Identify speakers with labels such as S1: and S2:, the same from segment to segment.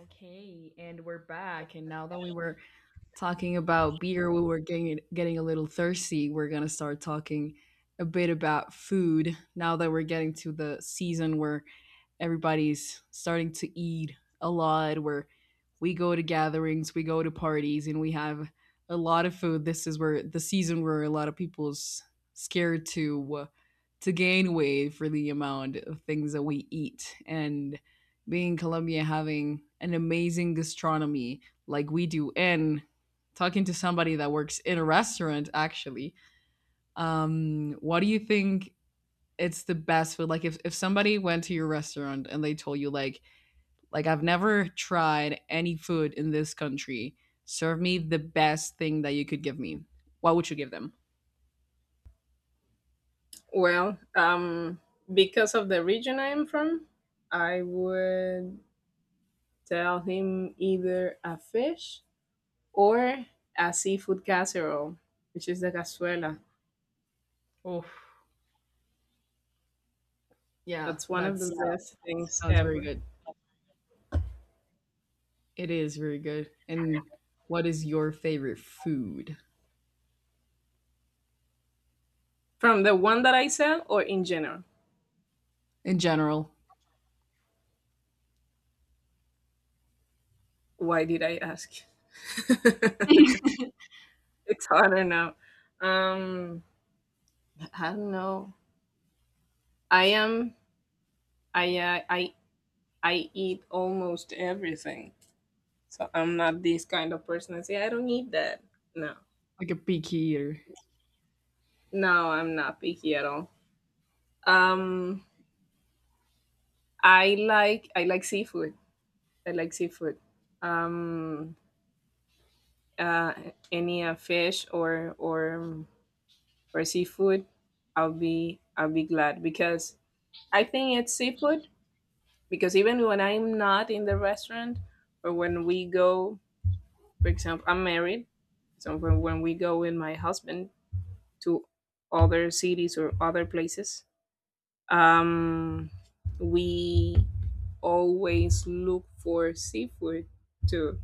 S1: Okay, and we're back. And now that we were talking about beer, we were getting a little thirsty. We're gonna start talking a bit about food now that we're getting to the season where everybody's starting to eat a lot. Where we go to gatherings, we go to parties, and we have a lot of food. This is where the season where a lot of people's scared to gain weight for the amount of things that we eat and being in Colombia having an amazing gastronomy like we do and talking to somebody that works in a restaurant actually, what do you think it's the best food? Like if somebody went to your restaurant and they told you, like, I've never tried any food in this country, serve me the best thing that you could give me. What would you give them?
S2: Well, because of the region I am from, I would tell him either a fish or a seafood casserole, which is the cazuela.
S1: Oh, yeah,
S2: That's one of the, yeah, best things
S1: that's very
S2: ever.
S1: good. It is very good. And what is your favorite food?
S2: From the one that I sell or in general?
S1: In general.
S2: Why did I ask? It's harder now. Um, I don't know. I am. I uh, I I eat almost everything. So I'm not this kind of person. I say I don't need that. No,
S1: Like a picky eater.
S2: no, I'm not picky at all. Um, I like seafood. I like seafood. Um, uh, any fish or seafood, I'll be glad because I think it's seafood. Because even when I'm not in the restaurant or when we go, for example, I'm married, so when we go with my husband to other cities or other places. Um, we always look for seafood too.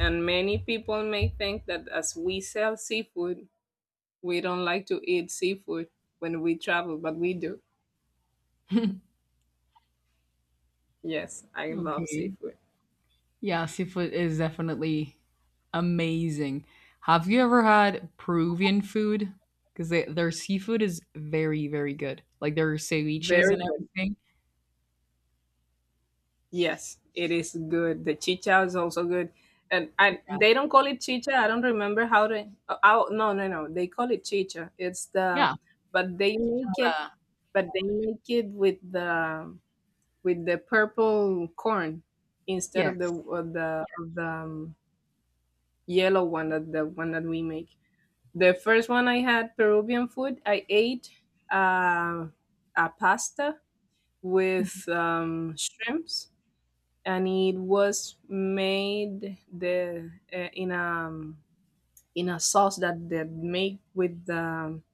S2: And many people may think that as we sell seafood, we don't like to eat seafood when we travel, but we do. Yes, I love
S1: Okay.
S2: seafood.
S1: Yeah, seafood is definitely amazing. Have you ever had Peruvian food? Because their seafood is very, very good. Like their ceviches
S2: Very
S1: and
S2: good.
S1: everything.
S2: Yes, it is good. The chicha is also good. And
S1: Yeah.
S2: they don't call it chicha. I don't remember how to. Oh, oh, no, no, no. They call it chicha.
S1: Yeah.
S2: But they make it,
S1: Ahora,
S2: but they make it with the purple corn instead of the
S1: yes.
S2: of the of the um, yellow one, that the one that we make. The first one I had Peruvian food, I ate uh, a pasta with shrimps, and it was made the in a sauce that they make with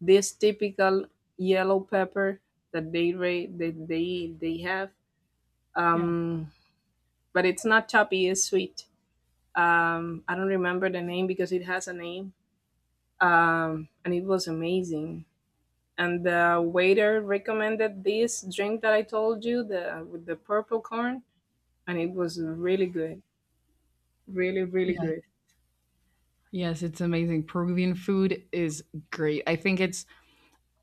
S2: this typical yellow pepper that they ra- that they have.
S1: Yeah.
S2: Um, but it's not choppy; it's sweet. I don't remember the name because it has a name, and it was amazing. And the waiter recommended this drink that I told you, the with the purple corn, and
S1: Yeah.
S2: it was really good, really
S1: Yeah.
S2: good.
S1: Yes, it's amazing. Peruvian food is great. I think it's,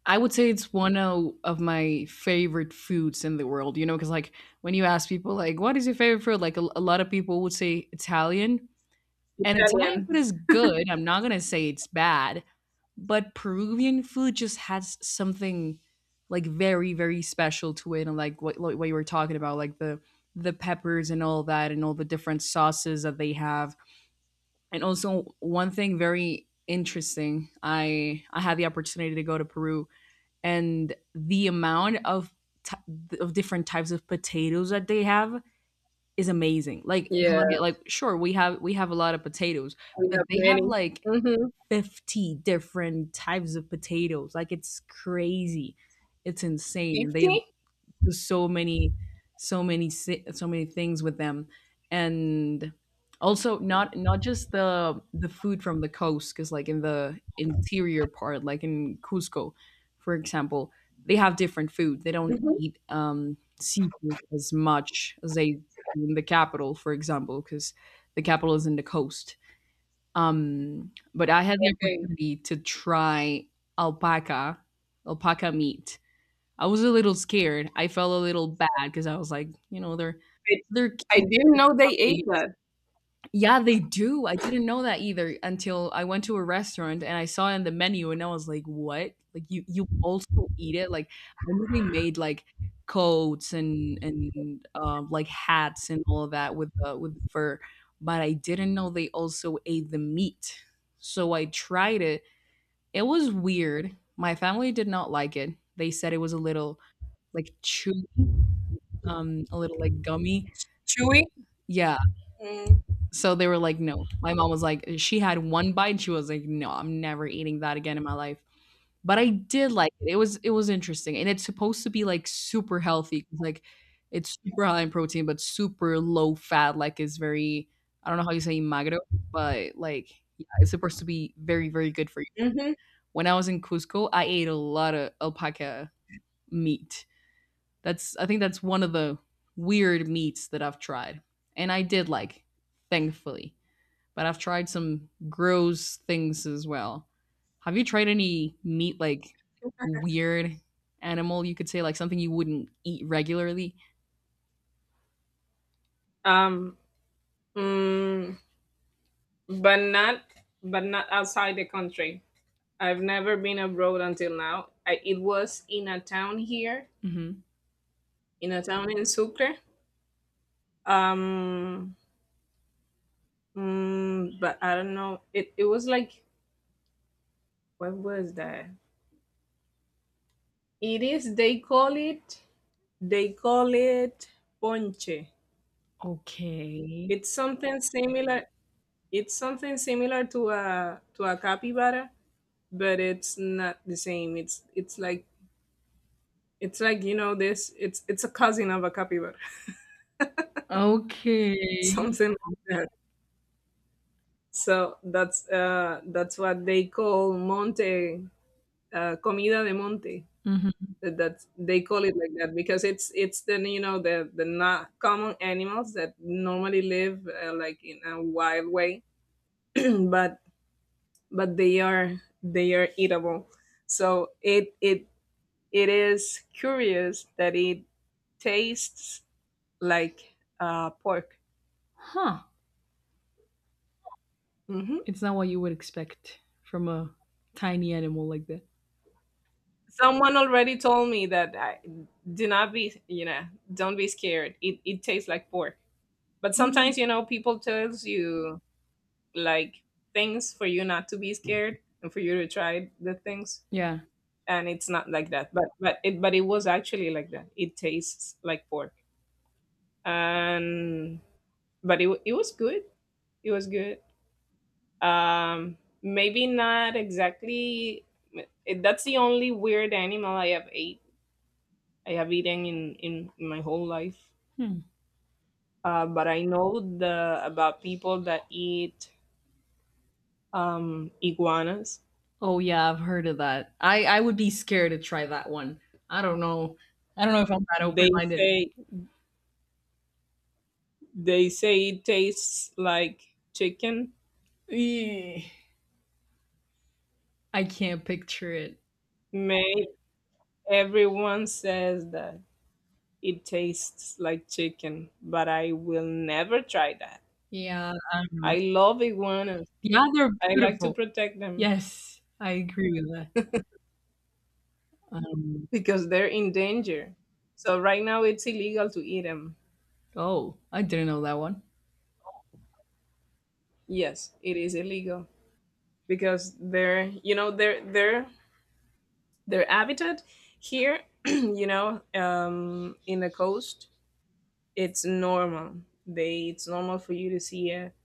S1: I would say it's one of my favorite foods in the world, you know, because like when you ask people, like, what is your favorite food? Like, a lot of people would say Italian. And Italian
S2: Italian.
S1: food is good. I'm not gonna say it's bad, but Peruvian food just has something like very, very special to it, and like what you were talking about, like the peppers and all that, and all the different sauces that they have. And also one thing very interesting, I had the opportunity to go to Peru, and the amount of t- of different types of potatoes that they have is amazing. Like in
S2: Yeah,
S1: Colombia, like sure we have a lot of potatoes,
S2: we
S1: but
S2: have
S1: they have
S2: many.
S1: like
S2: Mm-hmm.
S1: 50 different types of potatoes. Like it's crazy. It's insane. And they
S2: 50?
S1: to so many so many so many things with them. And also not just the food from the coast, because like in the interior part, like in Cusco for example, they have different food. They don't
S2: Mm-hmm.
S1: eat seafood as much as they do in the capital, for example, because the capital is in the coast. But I had the
S2: Okay.
S1: opportunity to try alpaca, alpaca meat. I was a little scared. I felt a little bad because I was like, you know,
S2: I,
S1: they're
S2: I
S1: cute
S2: didn't know they
S1: puppy.
S2: ate that.
S1: Yeah, they do. I didn't know that either until I went to a restaurant and I saw it in the menu and I was like, what? Like you also eat it? Like I knew they made like coats and like hats and all of that with fur, but I didn't know they also ate the meat. So I tried it. It was weird. My family did not like it. They said it was a little like chewy, a little like gummy.
S2: Chewy?
S1: Yeah. So they were like, no. My mom was like, she had one bite. She was like, no, I'm never eating that again in my life. But I did like it. It was interesting, and it's supposed to be like super healthy. 'Cause, like, it's super high in protein, but super low fat. Like, it's very I don't know how you say magro, but like, yeah, it's supposed to be very very good for you.
S2: Mm-hmm.
S1: When I was in Cusco, I ate a lot of alpaca meat. That's I think that's one of the weird meats that I've tried, and I did like, thankfully. But I've tried some gross things as well. Have you tried any meat like weird animal? You could say like something you wouldn't eat regularly.
S2: Um, mm, but not but not outside the country. I've never been abroad until now. It was in a town here,
S1: Hmm.
S2: in a town in Sucre. Um, but I don't know. It was like, what was that? It is, they call it They call it ponche.
S1: Okay.
S2: It's something similar. It's something similar to a capybara, but it's not the same. It's like you know this. It's a cousin of a capybara,
S1: Okay.
S2: something like that. So that's what they call monte, comida de monte.
S1: Hmm.
S2: They call it like that because it's the you know the not common animals that normally live, like, in a wild way, but but they are eatable. So it is curious that it tastes like pork.
S1: Huh.
S2: Hmm.
S1: It's not what you would expect from a tiny animal like that.
S2: Someone already told me that, I, do not be you know don't be scared. It tastes like pork. But
S1: Mm.
S2: sometimes, people tells you, like, things for you not to be scared and for you to try the things,
S1: Yeah.
S2: and it's not like that, but it was actually like that, it tastes like pork. And But it wa it was good. It was good. Maybe not exactly. That's the only weird animal I have ate. I have eaten in my whole life.
S1: Hmm.
S2: But I know the about people that eat iguanas.
S1: Oh yeah, I've heard of that. I would be scared to try that one. I don't know. I don't know if I'm that open
S2: They
S1: minded.
S2: say they say it tastes like chicken.
S1: I can't picture it.
S2: May everyone says that it tastes like chicken, but I will never try that.
S1: Yeah, I don't know.
S2: I love iguana.
S1: Yeah, they're
S2: I like to
S1: beautiful.
S2: protect them
S1: Yes, I agree with that. Um,
S2: because they're in danger. So right now it's illegal to eat them.
S1: oh, I didn't know that one.
S2: Yes, it is illegal because they're you know they're their habitat here, in the coast, it's normal. They It's normal for you to see it.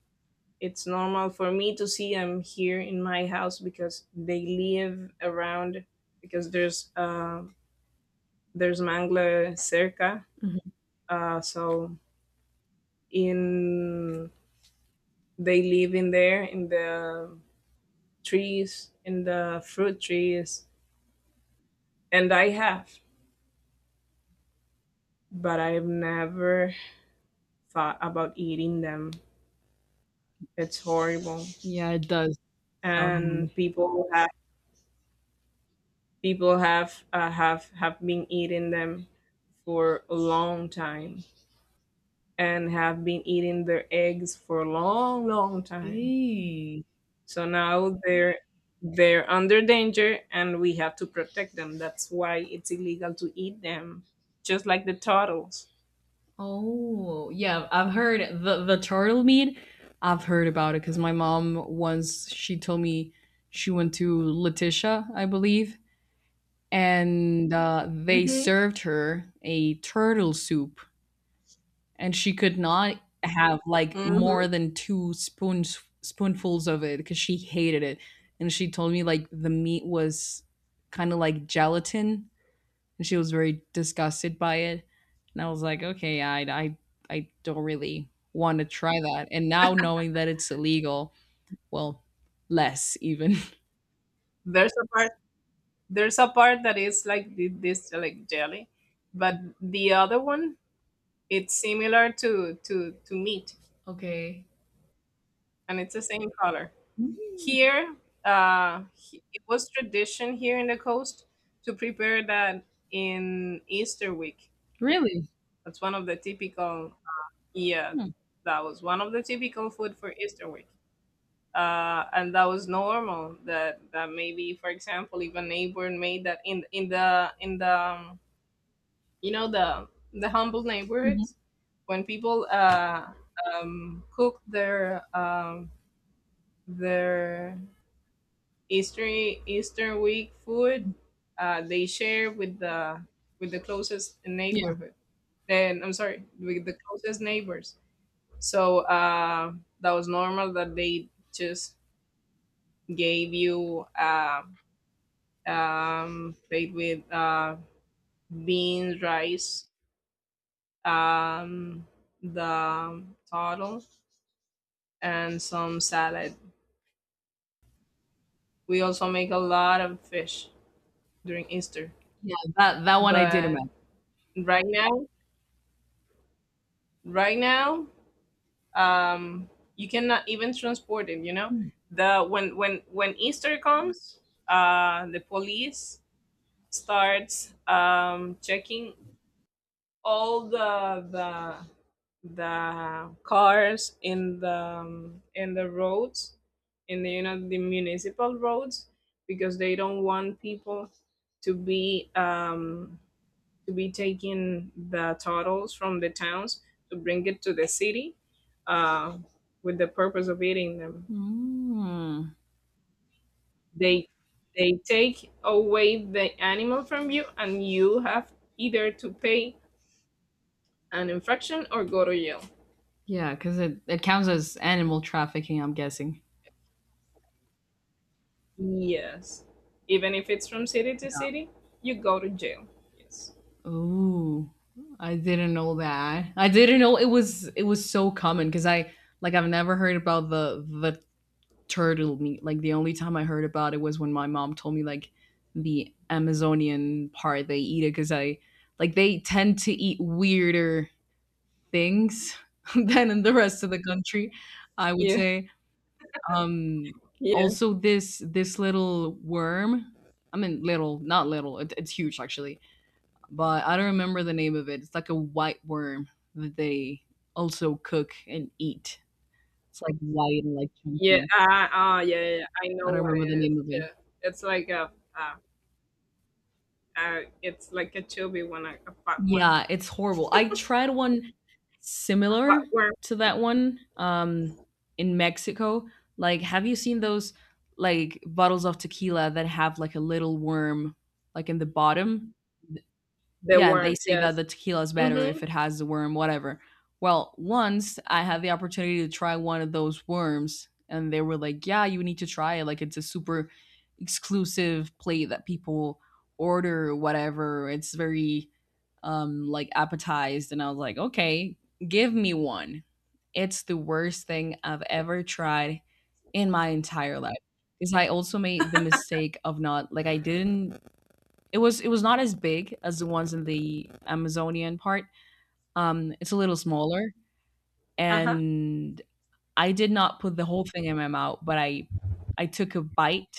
S2: It's normal for me to see them here in my house because they live around because there's mangla cerca,
S1: Mhm.
S2: so in they live in there in the trees, in the fruit trees, and but I've never thought about eating them. It's horrible,
S1: Yeah, it does sound horrible.
S2: and people have been eating them for a long time, and have been eating their eggs for a long, long time.
S1: Eee.
S2: So now they're under danger and we have to protect them. That's why it's illegal to eat them, just like the turtles.
S1: Oh, yeah, I've heard the turtle meat. I've heard about it because my mom once she told me she went to Letitia, I believe, and they
S2: Hmm.
S1: served her a turtle soup, and she could not have like
S2: Hmm.
S1: more than two spoons spoonfuls of it because she hated it. And she told me like the meat was kind of like gelatin, and she was very disgusted by it. And I was like, okay, I don't really want to try that. And now knowing that it's illegal, well, less even.
S2: There's a part there's a part that is like this, like, jelly, but the other one, it's similar to meat,
S1: Okay.
S2: and it's the same color. Here, it was tradition here in the coast to prepare that in Easter week.
S1: Really.
S2: That's one of the typical Yeah, that was one of the typical food for Easter week. And that was normal that maybe, for example, if a neighbor made that in the you know the humble neighborhoods, when people cook their Easter Easter week food, they share with the closest
S1: Yeah.
S2: neighborhood, then I'm sorry, with the closest neighbors. So that was normal that they just gave you, plate with, beans, rice, um, the turtle, and some salad. We also make a lot of fish during Easter,
S1: Yeah, that that one I did
S2: but
S1: imagine.
S2: right now, right now, um, you cannot even transport it. You know, the when Easter comes, the police starts, checking all the cars in the roads, in the you know the municipal roads, because they don't want people to be um, to be taking the turtles from the towns to bring it to the city, uh, with the purpose of eating them.
S1: Mm.
S2: They they take away the animal from you, and you have either to pay an infraction or go to jail.
S1: Yeah, because it counts as animal trafficking, I'm guessing.
S2: Yes. Even if it's from city to city, you go to jail. Yes.
S1: Ooh, I didn't know that. I didn't know it was so common, because I like I've never heard about the turtle meat. Like the only time I heard about it was when my mom told me like the Amazonian part they eat it, because I like they tend to eat weirder things than in the rest of the country. I would
S2: Yeah.
S1: say. Um,
S2: Yeah.
S1: also, this this little worm. I mean, little, not little. It, it's huge actually, but I don't remember the name of it. It's like a white worm that they also cook and eat. It's like white and like
S2: Yeah.
S1: chunky.
S2: Ah. Yeah, yeah. Yeah. I
S1: I
S2: know
S1: don't
S2: what
S1: remember the
S2: it is.
S1: name of it.
S2: Yeah. It's like a. Uh, it's like a chubby one, a fat one,
S1: Yeah, it's horrible. I tried one
S2: a
S1: similar
S2: fat worm.
S1: to that one, in Mexico. Like, have you seen those like bottles of tequila that have like a little worm like in the bottom?
S2: The
S1: Yeah,
S2: worm.
S1: they say that
S2: Yes.
S1: the tequila is better
S2: Mm-hmm.
S1: if it has the worm, whatever. Well, once I had the opportunity to try one of those worms, and they were like, yeah, you need to try it. Like, it's a super exclusive plate that people order, whatever. It's very, like, appetized. And I was like, okay, give me one. It's the worst thing I've ever tried in my entire life. Because I also made the mistake of not, like, I didn't it was not as big as the ones in the Amazonian part. It's a little smaller,
S2: Uh-huh.
S1: and I did not put the whole thing in my mouth, but I took a bite,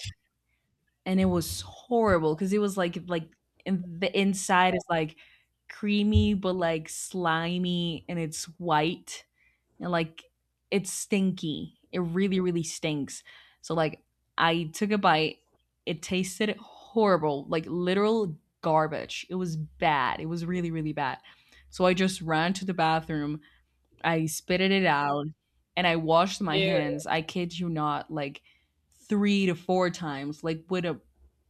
S1: and it was horrible because it was like in the inside is like creamy but like slimy, and it's white like it's stinky. It really, really stinks. So like I took a bite. It tasted horrible, like literal garbage. It was bad. It was really, really bad. So I just ran to the bathroom. I spitted it out, and I washed my
S2: Yeah.
S1: hands. I kid you not, like 3 to 4 times, like with a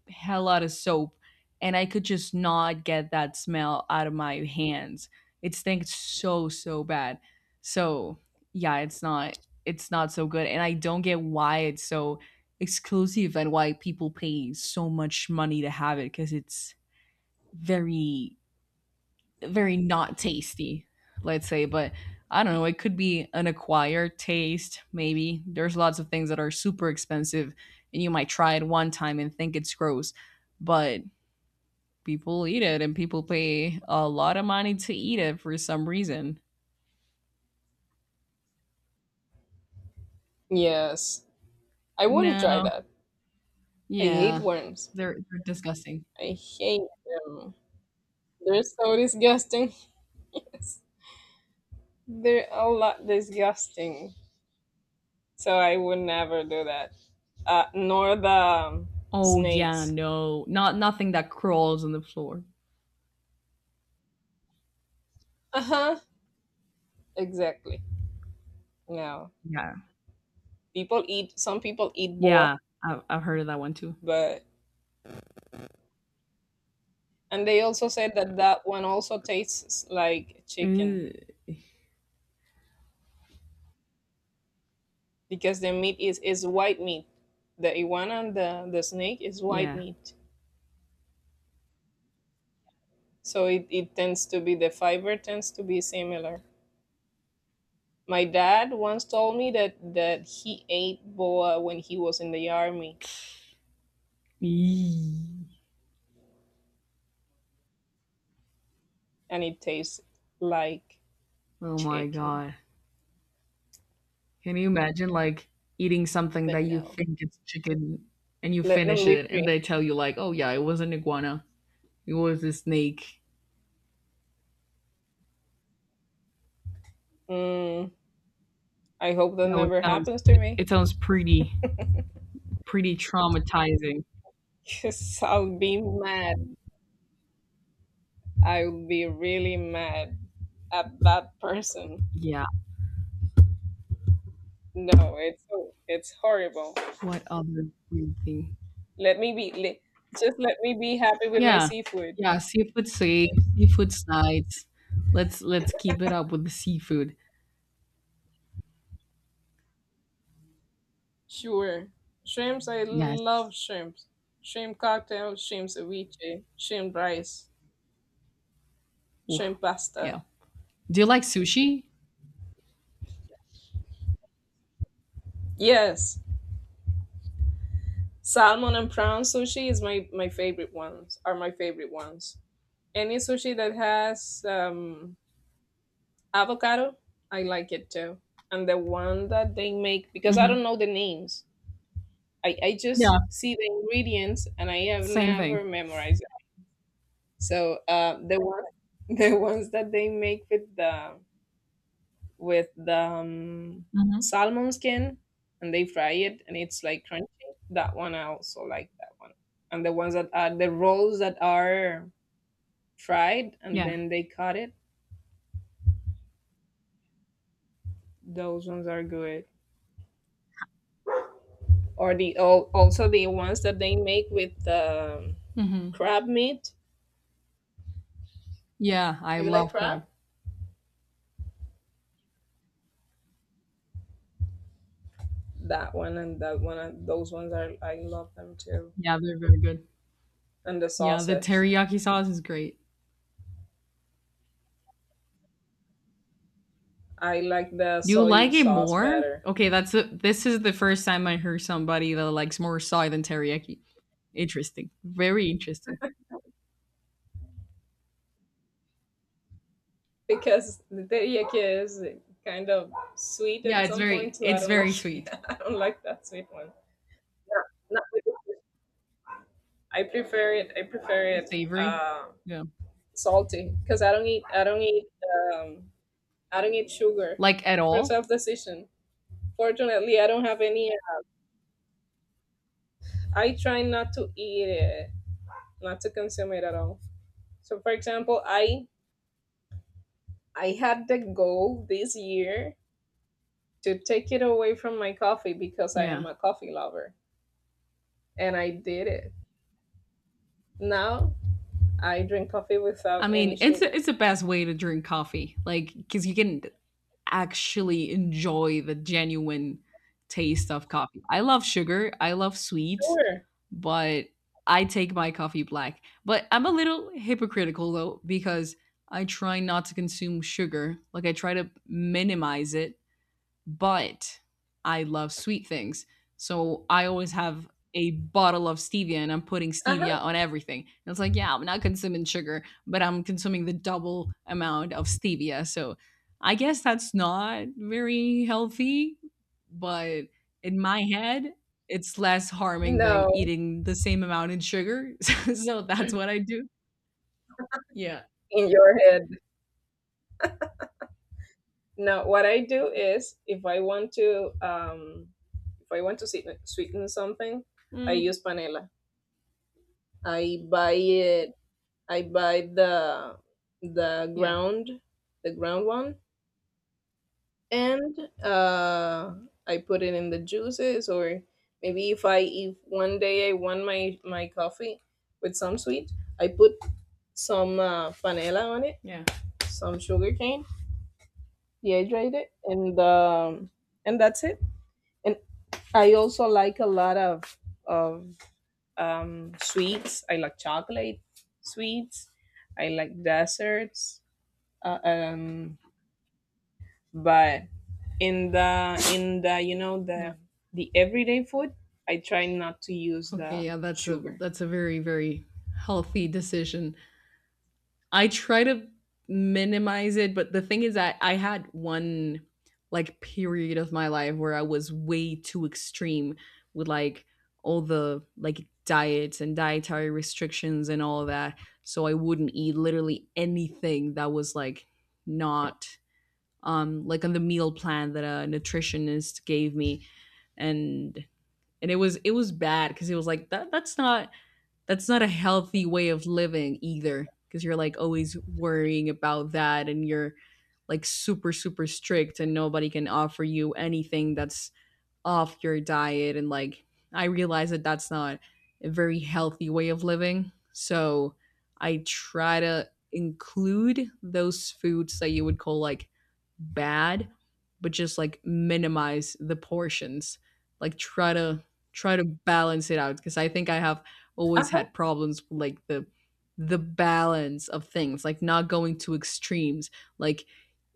S1: hell lot of soap. And I could just not get that smell out of my hands. It stinks so, so bad. So yeah, it's not so good. And I don't get why it's so exclusive and why people pay so much money to have it, because it's very very not tasty, let's say, but I don't know, it could be an acquired taste, maybe. There's lots of things that are super expensive and you might try it one time and think it's gross, but people eat it and people pay a lot of money to eat it for some reason.
S2: Yes. I wouldn't try
S1: No.
S2: that. I hate
S1: Yeah.
S2: worms.
S1: They're disgusting.
S2: I hate them. They're so disgusting. Yes. They're a lot disgusting. So I would never do that. Nor the,
S1: Oh yeah,
S2: snakes.
S1: no. Not nothing that crawls on the floor.
S2: Uh huh. Exactly. No.
S1: Yeah.
S2: People eat. Some people eat boa,
S1: Yeah. I've heard of that one too.
S2: but and they also said that that one also tastes like chicken,
S1: Ugh.
S2: because the meat is white meat. The iguana and the snake is white
S1: Yeah.
S2: meat, so it tends to be, the fiber tends to be similar. My dad once told me that he ate boa when he was in the army,
S1: Eee.
S2: and it tastes like
S1: Oh my
S2: chicken.
S1: god. Can you imagine like eating something
S2: But
S1: that you
S2: no,
S1: think it's chicken and you
S2: let them
S1: finish
S2: be
S1: it and
S2: free.
S1: they tell you like, "Oh yeah, it was an iguana. It was a snake."
S2: Mm, I hope that
S1: No,
S2: never happens to me.
S1: it sounds pretty pretty traumatizing.
S2: Because I'll be mad. I'll be really mad at that person.
S1: Yeah.
S2: No, it's horrible.
S1: What other weird thing?
S2: Let me be, le- just let me be happy with my
S1: Yeah.
S2: seafood.
S1: Yeah, seafood safe, seafood's nice. Let's keep it up with the seafood.
S2: Sure. Shrimps, I
S1: Yes.
S2: love shrimps. Shrimp cocktail, shrimp ceviche, shrimp rice,
S1: Oof.
S2: shrimp pasta.
S1: Yeah. Do you like sushi?
S2: Yes, salmon and prawn sushi is my favorite ones. Are my favorite ones. Any sushi that has, avocado, I like it too. And the one that they make, because I
S1: Mhm.
S2: don't know the names. I just
S1: Yeah,
S2: see the ingredients and I have
S1: same
S2: never
S1: thing.
S2: memorized it. So the one the ones that they make with the
S1: Mhm.
S2: salmon skin, and they fry it and it's like crunchy. That one I also like, that one. And the ones that are the rolls that are fried and
S1: Yeah.
S2: then they cut it, those ones are good. Or also the ones that they make with the
S1: Mhm.
S2: crab meat.
S1: Yeah, I
S2: Do you like
S1: love
S2: crab?
S1: crab.
S2: That one and those ones are I love them too.
S1: Yeah, they're very good.
S2: And the
S1: Yeah, the
S2: sauces.
S1: teriyaki sauce is great.
S2: I like the
S1: You
S2: soy
S1: like it
S2: sauce
S1: more?
S2: better.
S1: Okay, that's the. This is the first time I heard somebody that likes more soy than teriyaki. Interesting. Very interesting.
S2: Because the teriyaki is kind of sweet
S1: Yeah,
S2: at some point, so I
S1: it's
S2: don't like
S1: very
S2: it.
S1: sweet,
S2: I don't like that sweet one. No, not with the fish. I prefer it.
S1: savory.
S2: Uh,
S1: Yeah.
S2: salty, because I don't eat. I don't eat. Um, I don't eat sugar
S1: Like at
S2: for
S1: all?
S2: self decision. Fortunately, I don't have any. I try not to eat it, not to consume it at all. So, for example, I had the goal this year to take it away from my coffee because I
S1: Yeah.
S2: am a coffee lover. And I did it. Now I drink coffee without
S1: I mean,
S2: any sugar.
S1: it's the best way to drink coffee. Like cuz you can actually enjoy the genuine taste of coffee. I love sugar, I love sweet,
S2: Sure.
S1: but I take my coffee black. But I'm a little hypocritical though because I try not to consume sugar. Like I try to minimize it but I love sweet things. So I always have a bottle of stevia and I'm putting
S2: Uh huh.
S1: stevia on everything. And it's like, yeah, I'm not consuming sugar, but I'm consuming the double amount of stevia. So I guess that's not very healthy, but in my head, it's less harming than
S2: No,
S1: eating the same amount in sugar. So that's what I do. Yeah.
S2: in your head. No, what I do is, if I want to, if I want to sweeten something, I
S1: Mm,
S2: use panela. I buy it. I buy the
S1: yeah.
S2: ground, the ground one, and uh, I put it in the juices or maybe if one day I want my coffee with some sweet, I put some panela on it,
S1: Yeah.
S2: some sugar cane, dehydrate it, and that's it. And I also like a lot of sweets. I like chocolate sweets. I like desserts. Uh, um, but in the you know
S1: Yeah.
S2: the everyday food, I try not to use
S1: Okay,
S2: the
S1: yeah, that's a
S2: sugar.
S1: that's a very very healthy decision. I try to minimize it, but the thing is that I had one like period of my life where I was way too extreme with like all the like diets and dietary restrictions and all of that. So I wouldn't eat literally anything that was like not like on the meal plan that a nutritionist gave me and it was bad because it was like that's not that's not a healthy way of living either, because you're like always worrying about that and you're like super super strict and nobody can offer you anything that's off your diet. And like I realize that that's not a very healthy way of living. So I try to include those foods that you would call like bad, but just like minimize the portions. Like try to balance it out, because I think I have always
S2: Uh-huh.
S1: had problems with like the balance of things, like not going to extremes. Like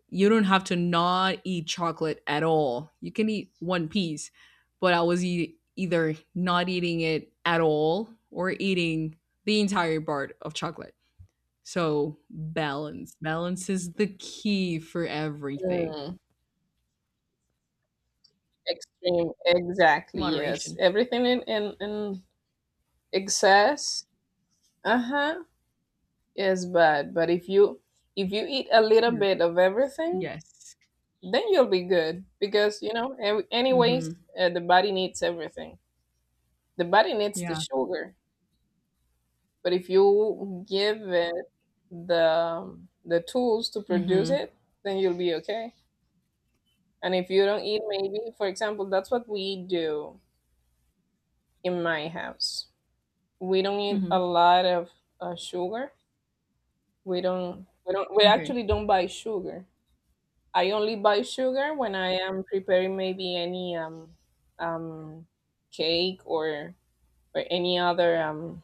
S1: you don't have to not eat chocolate at all. You can eat one piece, but I was either not eating it at all or eating the entire bar of chocolate. So, balance. Balance is the key for everything.
S2: Mm, extreme, exactly. Yes,
S1: Moderation.
S2: everything in excess. Uh-huh. It's bad, but if you eat a little
S1: You're
S2: bit
S1: good.
S2: of everything,
S1: Yes.
S2: then you'll be good because
S1: Mm-hmm.
S2: the body needs everything. The body needs the
S1: Yeah.
S2: sugar, but if you give it the the tools to produce
S1: Mm-hmm.
S2: it, then you'll be okay. And if you don't eat maybe, for example, that's what we do in my house. We don't eat
S1: Mm-hmm.
S2: a lot of sugar. We
S1: Okay.
S2: actually don't buy sugar. I only buy sugar when I am preparing maybe any um, cake or any other um,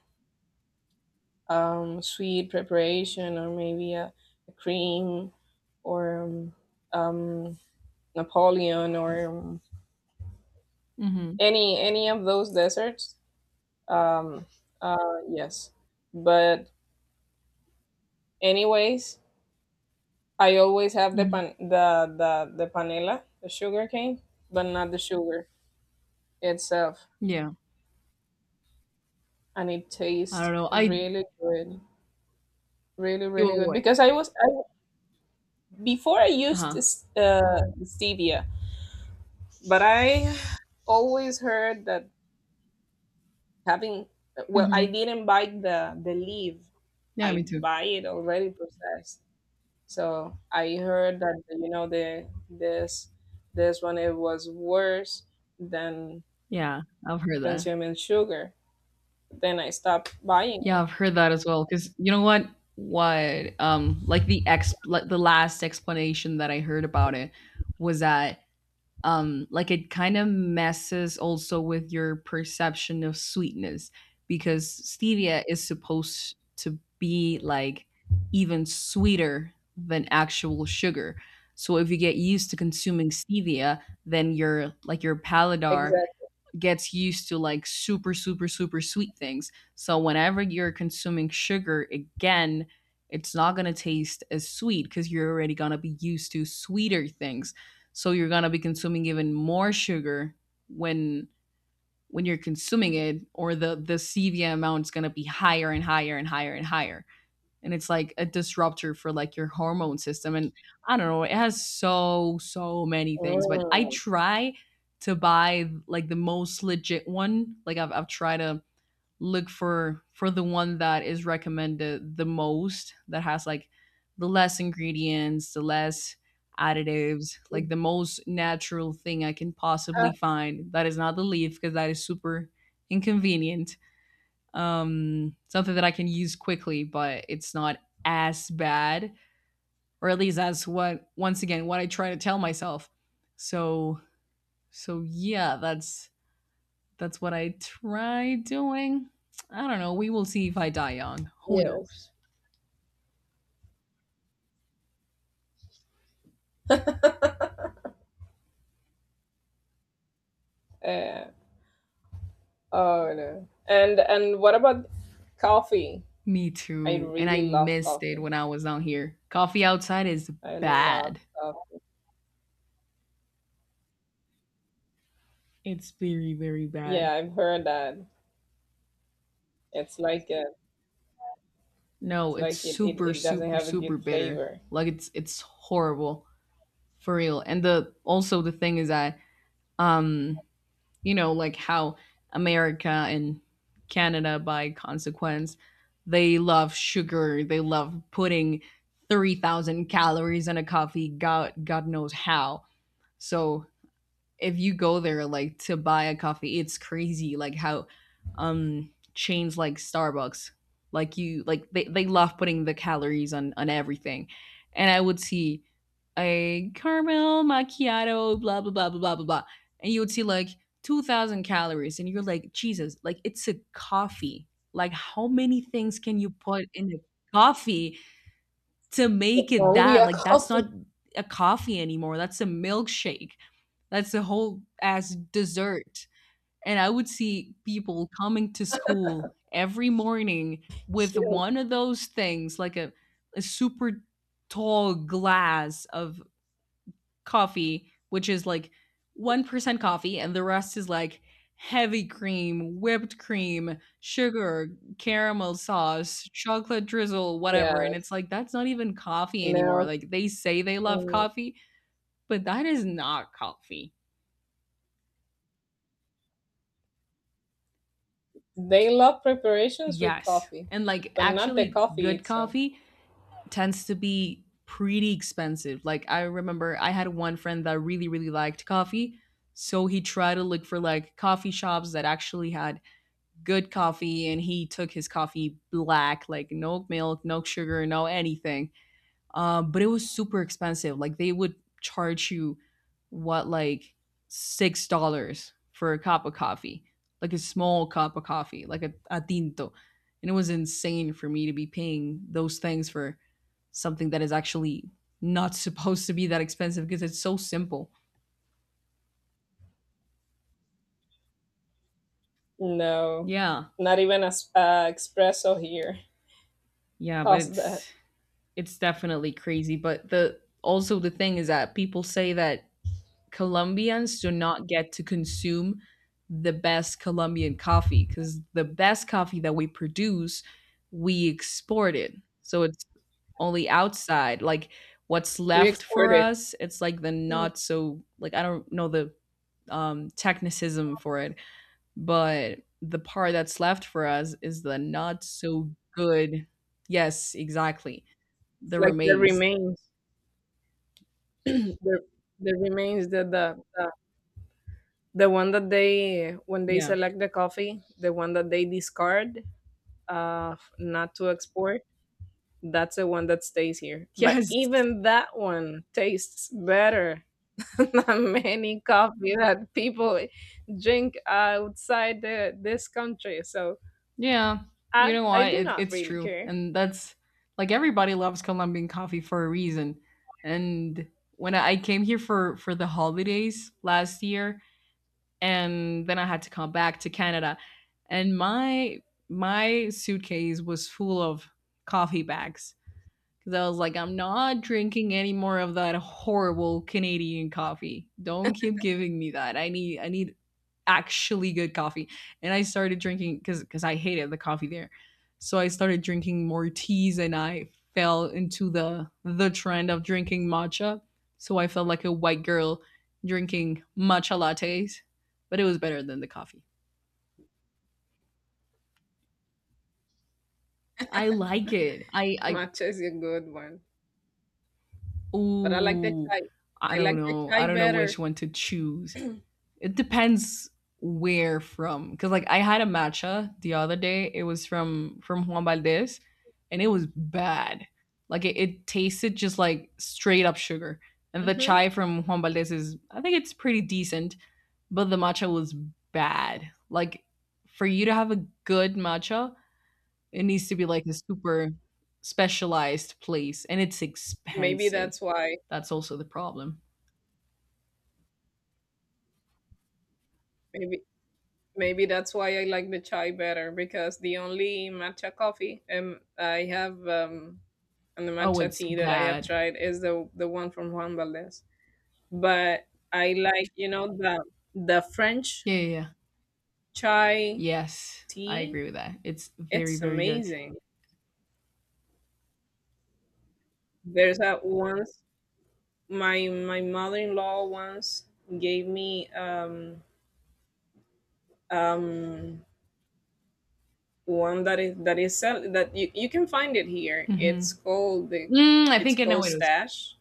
S2: um, sweet preparation or maybe a cream or um, Napoleon or
S1: Mm-hmm.
S2: any of those desserts. Um, uh, yes, but anyways, I always have the
S1: Mm-hmm.
S2: pan the the the panela, the sugar cane, but not the sugar itself.
S1: Yeah.
S2: And it
S1: I don't
S2: tastes
S1: know. I.
S2: really good, really really good
S1: Oh,
S2: because I, before, I
S1: uh huh.
S2: used stevia, but I always heard that having, well, I
S1: Mm-hmm.
S2: didn't buy the leaf,
S1: Yeah,
S2: I
S1: me too.
S2: buy it already processed. So I heard that you know the this this one, it was worse than
S1: Yeah, I've heard that.
S2: consuming sugar. Then I stopped buying
S1: Yeah,
S2: it.
S1: I've heard that as well. Because you know what? What like the ex like the last explanation that I heard about it was that like it kind of messes also with your perception of sweetness, because stevia is supposed to be like even sweeter than actual sugar. So if you get used to consuming stevia, then your like your palate
S2: Exactly.
S1: gets used to like super super super sweet things. So whenever you're consuming sugar again, it's not going to taste as sweet, cuz you're already going to be used to sweeter things. So you're going to be consuming even more sugar when when you're consuming it, or the stevia amount is going to be higher and higher and higher and higher. And it's like a disruptor for like your hormone system. And I don't know, it has so so many things, but I
S2: Mm.
S1: try to buy like the most legit one. I've tried to look for the one that is recommended the most, that has like the less ingredients, the less additives, like the most natural thing I can
S2: Ah,
S1: possibly find that is not the leaf, because that is super inconvenient. Something that I can use quickly, but it's not as bad, or at least that's what once again what I try to tell myself. So yeah, that's what I try doing. I don't know. We will see if I die young. Who
S2: yes.
S1: knows?
S2: uh, Oh no. And what about coffee?
S1: Me
S2: I
S1: too. And I
S2: really love
S1: missed it
S2: coffee.
S1: when I was down here. Coffee outside is
S2: I love
S1: bad.
S2: coffee.
S1: It's very very bad.
S2: Yeah, I've heard that. It's like a,
S1: No,
S2: it's
S1: it's
S2: like it, it,
S1: super
S2: it doesn't
S1: super
S2: have a
S1: super
S2: good
S1: bitter.
S2: flavor.
S1: Like it's horrible. For real. And the also the thing is that um you know like how America and Canada by consequence, they love sugar, they love putting 3,000 calories in a coffee, god god knows how. So if you go there like to buy a coffee, it's crazy like how chains like Starbucks, like you like they love putting the calories on everything. And I would see a caramel macchiato, blah blah blah blah blah blah blah, and you would see like 2,000 calories, and you're like, Jesus, like it's a coffee. Like how many things can you put in a coffee to
S2: It's
S1: make it
S2: only
S1: that?
S2: a
S1: Like that's not
S2: coffee.
S1: a coffee anymore. That's a milkshake. That's a whole ass dessert. And I would see people coming to school every morning with
S2: Yes.
S1: one of those things, like a super tall glass of coffee, which is like 1% coffee, and the rest is like heavy cream, whipped cream, sugar, caramel sauce, chocolate drizzle, whatever. And it's
S2: Yes.
S1: like, that's not even coffee anymore.
S2: Milk.
S1: Like, they say they love
S2: Mm.
S1: coffee, but that is not coffee.
S2: They love preparations with
S1: Yes.
S2: coffee,
S1: And like,
S2: but not the
S1: actually,
S2: coffee
S1: good
S2: itself.
S1: coffee tends to be pretty expensive. Like, I remember I had one friend that really, really liked coffee. So he tried to look for like coffee shops that actually had good coffee, and he took his coffee black, like no milk, no sugar, no anything. But it was super expensive, like they would charge you what, like $6 for a cup of coffee, like a small cup of coffee, like a tinto. And it was insane for me to be paying those things for something that is actually not supposed to be that expensive, because it's so simple.
S2: No.
S1: Yeah,
S2: Not even a espresso here.
S1: yeah, but
S2: Cost that.
S1: it's definitely crazy. But the also the thing is that people say that Colombians do not get to consume the best Colombian coffee, because the best coffee that we produce, we export it. So it's only outside. Like what's
S2: We
S1: left for
S2: export it.
S1: us, it's like the
S2: Mm.
S1: not so, like I don't know the technicism for it, but the part that's left for us is the not so good. Yes, exactly.
S2: It's
S1: The
S2: like the
S1: remains.
S2: remains. the the remains the the one that they, when they
S1: Yeah.
S2: select the coffee, the one that they discard, not to export, that's the one that stays here, but
S1: Yes.
S2: even that one tastes better than many coffee that people drink outside the, this country. So
S1: Yeah,
S2: i
S1: you know
S2: i
S1: why?
S2: do
S1: It,
S2: not
S1: it's
S2: really
S1: true.
S2: care.
S1: And that's like everybody loves Colombian coffee for a reason. And when I came here for the holidays last year and then I had to come back to Canada, and my suitcase was full of coffee bags, cuz I was like, I'm not drinking any more of that horrible Canadian coffee. Don't keep giving me that. I need actually good coffee. And I started drinking, because I hated the coffee there. So I started drinking more teas, and I fell into the trend of drinking matcha. So I felt like a white girl drinking matcha lattes, but it was better than the coffee. I like it. I
S2: Matcha is a good one, but I like the
S1: ooh,
S2: chai.
S1: I
S2: I
S1: don't
S2: like the
S1: know.
S2: chai
S1: I don't know which
S2: better.
S1: one to choose. It depends where from, because like I had a matcha the other day. It was from Juan Valdez, and it was bad. Like it tasted just like straight up sugar. And the
S2: Hmm.
S1: chai from Juan Valdez is, I think it's pretty decent, but the matcha was bad. Like for you to have a good matcha, it needs to be like a super specialized place, and it's
S2: Maybe
S1: expensive.
S2: that's why.
S1: That's also the problem.
S2: Maybe maybe that's why I like the chai better, because the only matcha coffee I have and the
S1: Oh,
S2: matcha
S1: it's
S2: tea that I have
S1: bad.
S2: tried is the one from Juan Valdez. But I like, you know, the French
S1: Yeah, yeah, yeah.
S2: chai
S1: Yes, I
S2: tea.
S1: agree with that. It's very,
S2: It's
S1: very good.
S2: amazing. There's a once, my mother-in-law once gave me um one that is, that is sell, that you can find it here.
S1: Hmm.
S2: It's called the
S1: Mm, I
S2: it's
S1: think I know
S2: called
S1: what it was.
S2: Stash,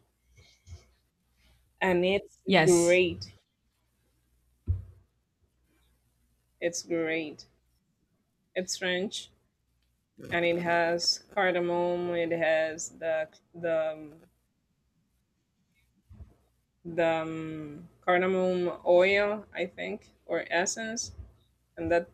S2: and it's
S1: Yes.
S2: great. It's great. It's French and it has cardamom, it has the um, the cardamom oil, I think, or essence, and that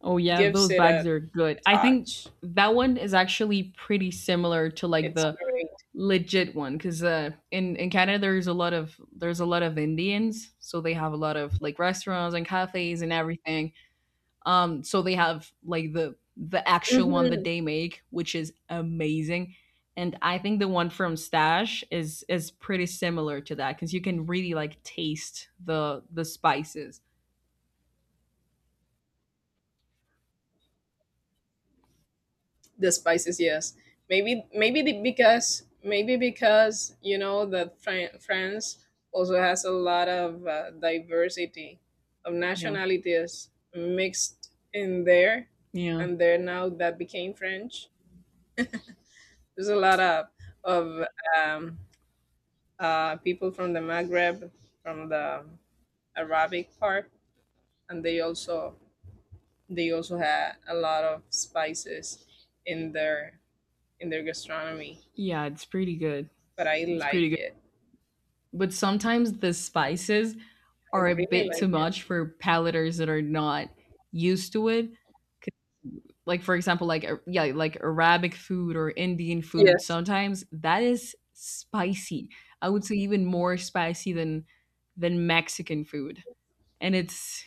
S1: Oh yeah,
S2: gives
S1: those
S2: it
S1: bags
S2: a
S1: are good. I think
S2: touch.
S1: that one is actually pretty similar to like
S2: It's
S1: the
S2: great.
S1: legit one, because in Canada there's a lot of, there's a lot of Indians, so they have a lot of like restaurants and cafes and everything. So they have like the actual one that
S2: Mm-hmm.
S1: they make, which is amazing. And I think the one from Stash is pretty similar to that, because you can really like taste the spices.
S2: The spices, yes. Maybe because you know that France also has a lot of diversity of
S1: Yeah,
S2: nationalities mixed in there,
S1: yeah,
S2: and there now that became French, there's a lot of um, people from the Maghreb, from the Arabic part, and they also, they also had a lot of spices in their in their gastronomy,
S1: yeah. It's pretty good.
S2: but I
S1: It's pretty
S2: like
S1: good.
S2: it.
S1: But sometimes the spices
S2: I
S1: are a
S2: really
S1: bit
S2: like
S1: too
S2: it.
S1: much for palaters that are not used to it. Like for example, like yeah, like Arabic food or Indian food,
S2: Yes,
S1: sometimes that is spicy. I would say even more spicy than Mexican food. And it's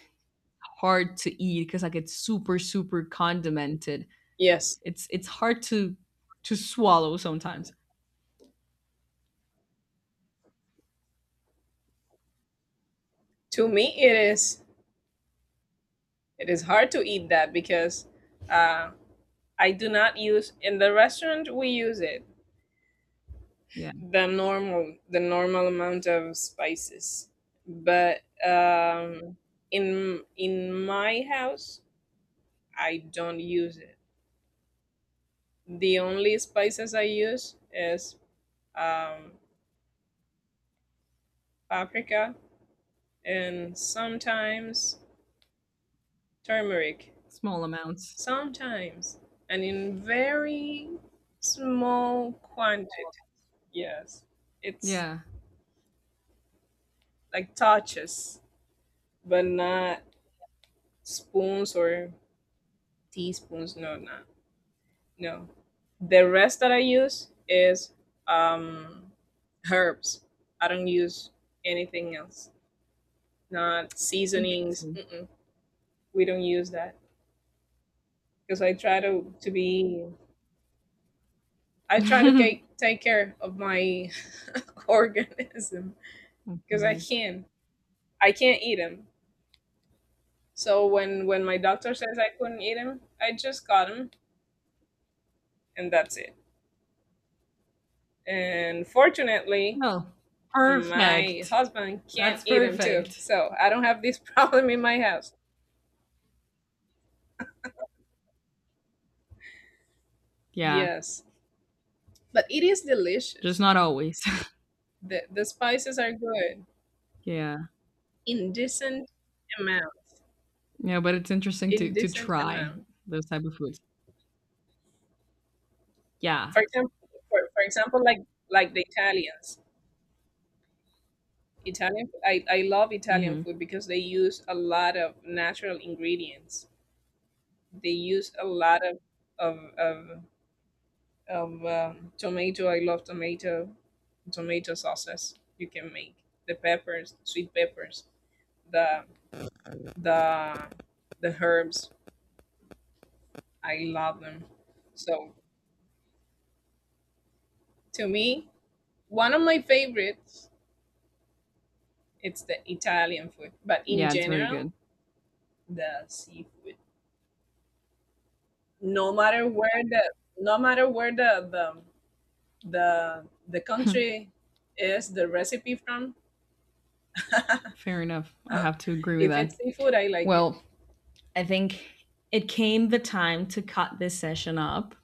S1: hard to eat, because like it's super super condimented.
S2: yes.
S1: It's hard to swallow sometimes.
S2: To me, it is hard to eat that because uh, I do not use, in the restaurant we use it
S1: Yeah,
S2: the normal amount of spices, but um, in my house I don't use it. The only spices I use is um, paprika and sometimes turmeric.
S1: small amounts.
S2: Sometimes, and in very small quantity. Yes. It's
S1: Yeah,
S2: like touches, but not spoons or teaspoons. No, not. No. The rest that I use is um herbs. I don't use anything else. Not seasonings.
S1: interesting.
S2: Mm-mm. We don't use that because I try to be, I try to take, take care of my organism. Because I
S1: Okay.
S2: can't. I can't eat them. So when my doctor says I couldn't eat them, I just got them, and that's it. And fortunately,
S1: Oh,
S2: my
S1: perfect.
S2: husband can't
S1: That's
S2: eat them too,
S1: perfect.
S2: so I don't have this problem in my house.
S1: Yeah,
S2: Yes, but it is
S1: just
S2: delicious.
S1: not always.
S2: The spices are good
S1: Yeah.
S2: in decent amount.
S1: Yeah, but it's interesting
S2: In
S1: to
S2: decent
S1: try
S2: amount.
S1: those type of foods. Yeah.
S2: For example, for example, like the Italians. Italian, I love Italian
S1: Hmm.
S2: food because they use a lot of natural ingredients. They use a lot of of, of tomato. I love tomato, tomato sauces you can make, the peppers, sweet peppers, the the the herbs. I love them. So to me, one of my favorites, it's the Italian food, but in
S1: Yeah, it's very good.
S2: general, the seafood. No matter where the no matter where the country is the recipe from.
S1: Fair enough. I have to agree with
S2: If
S1: that.
S2: it's seafood, I like it.
S1: Well, I think it came the time to cut this session up.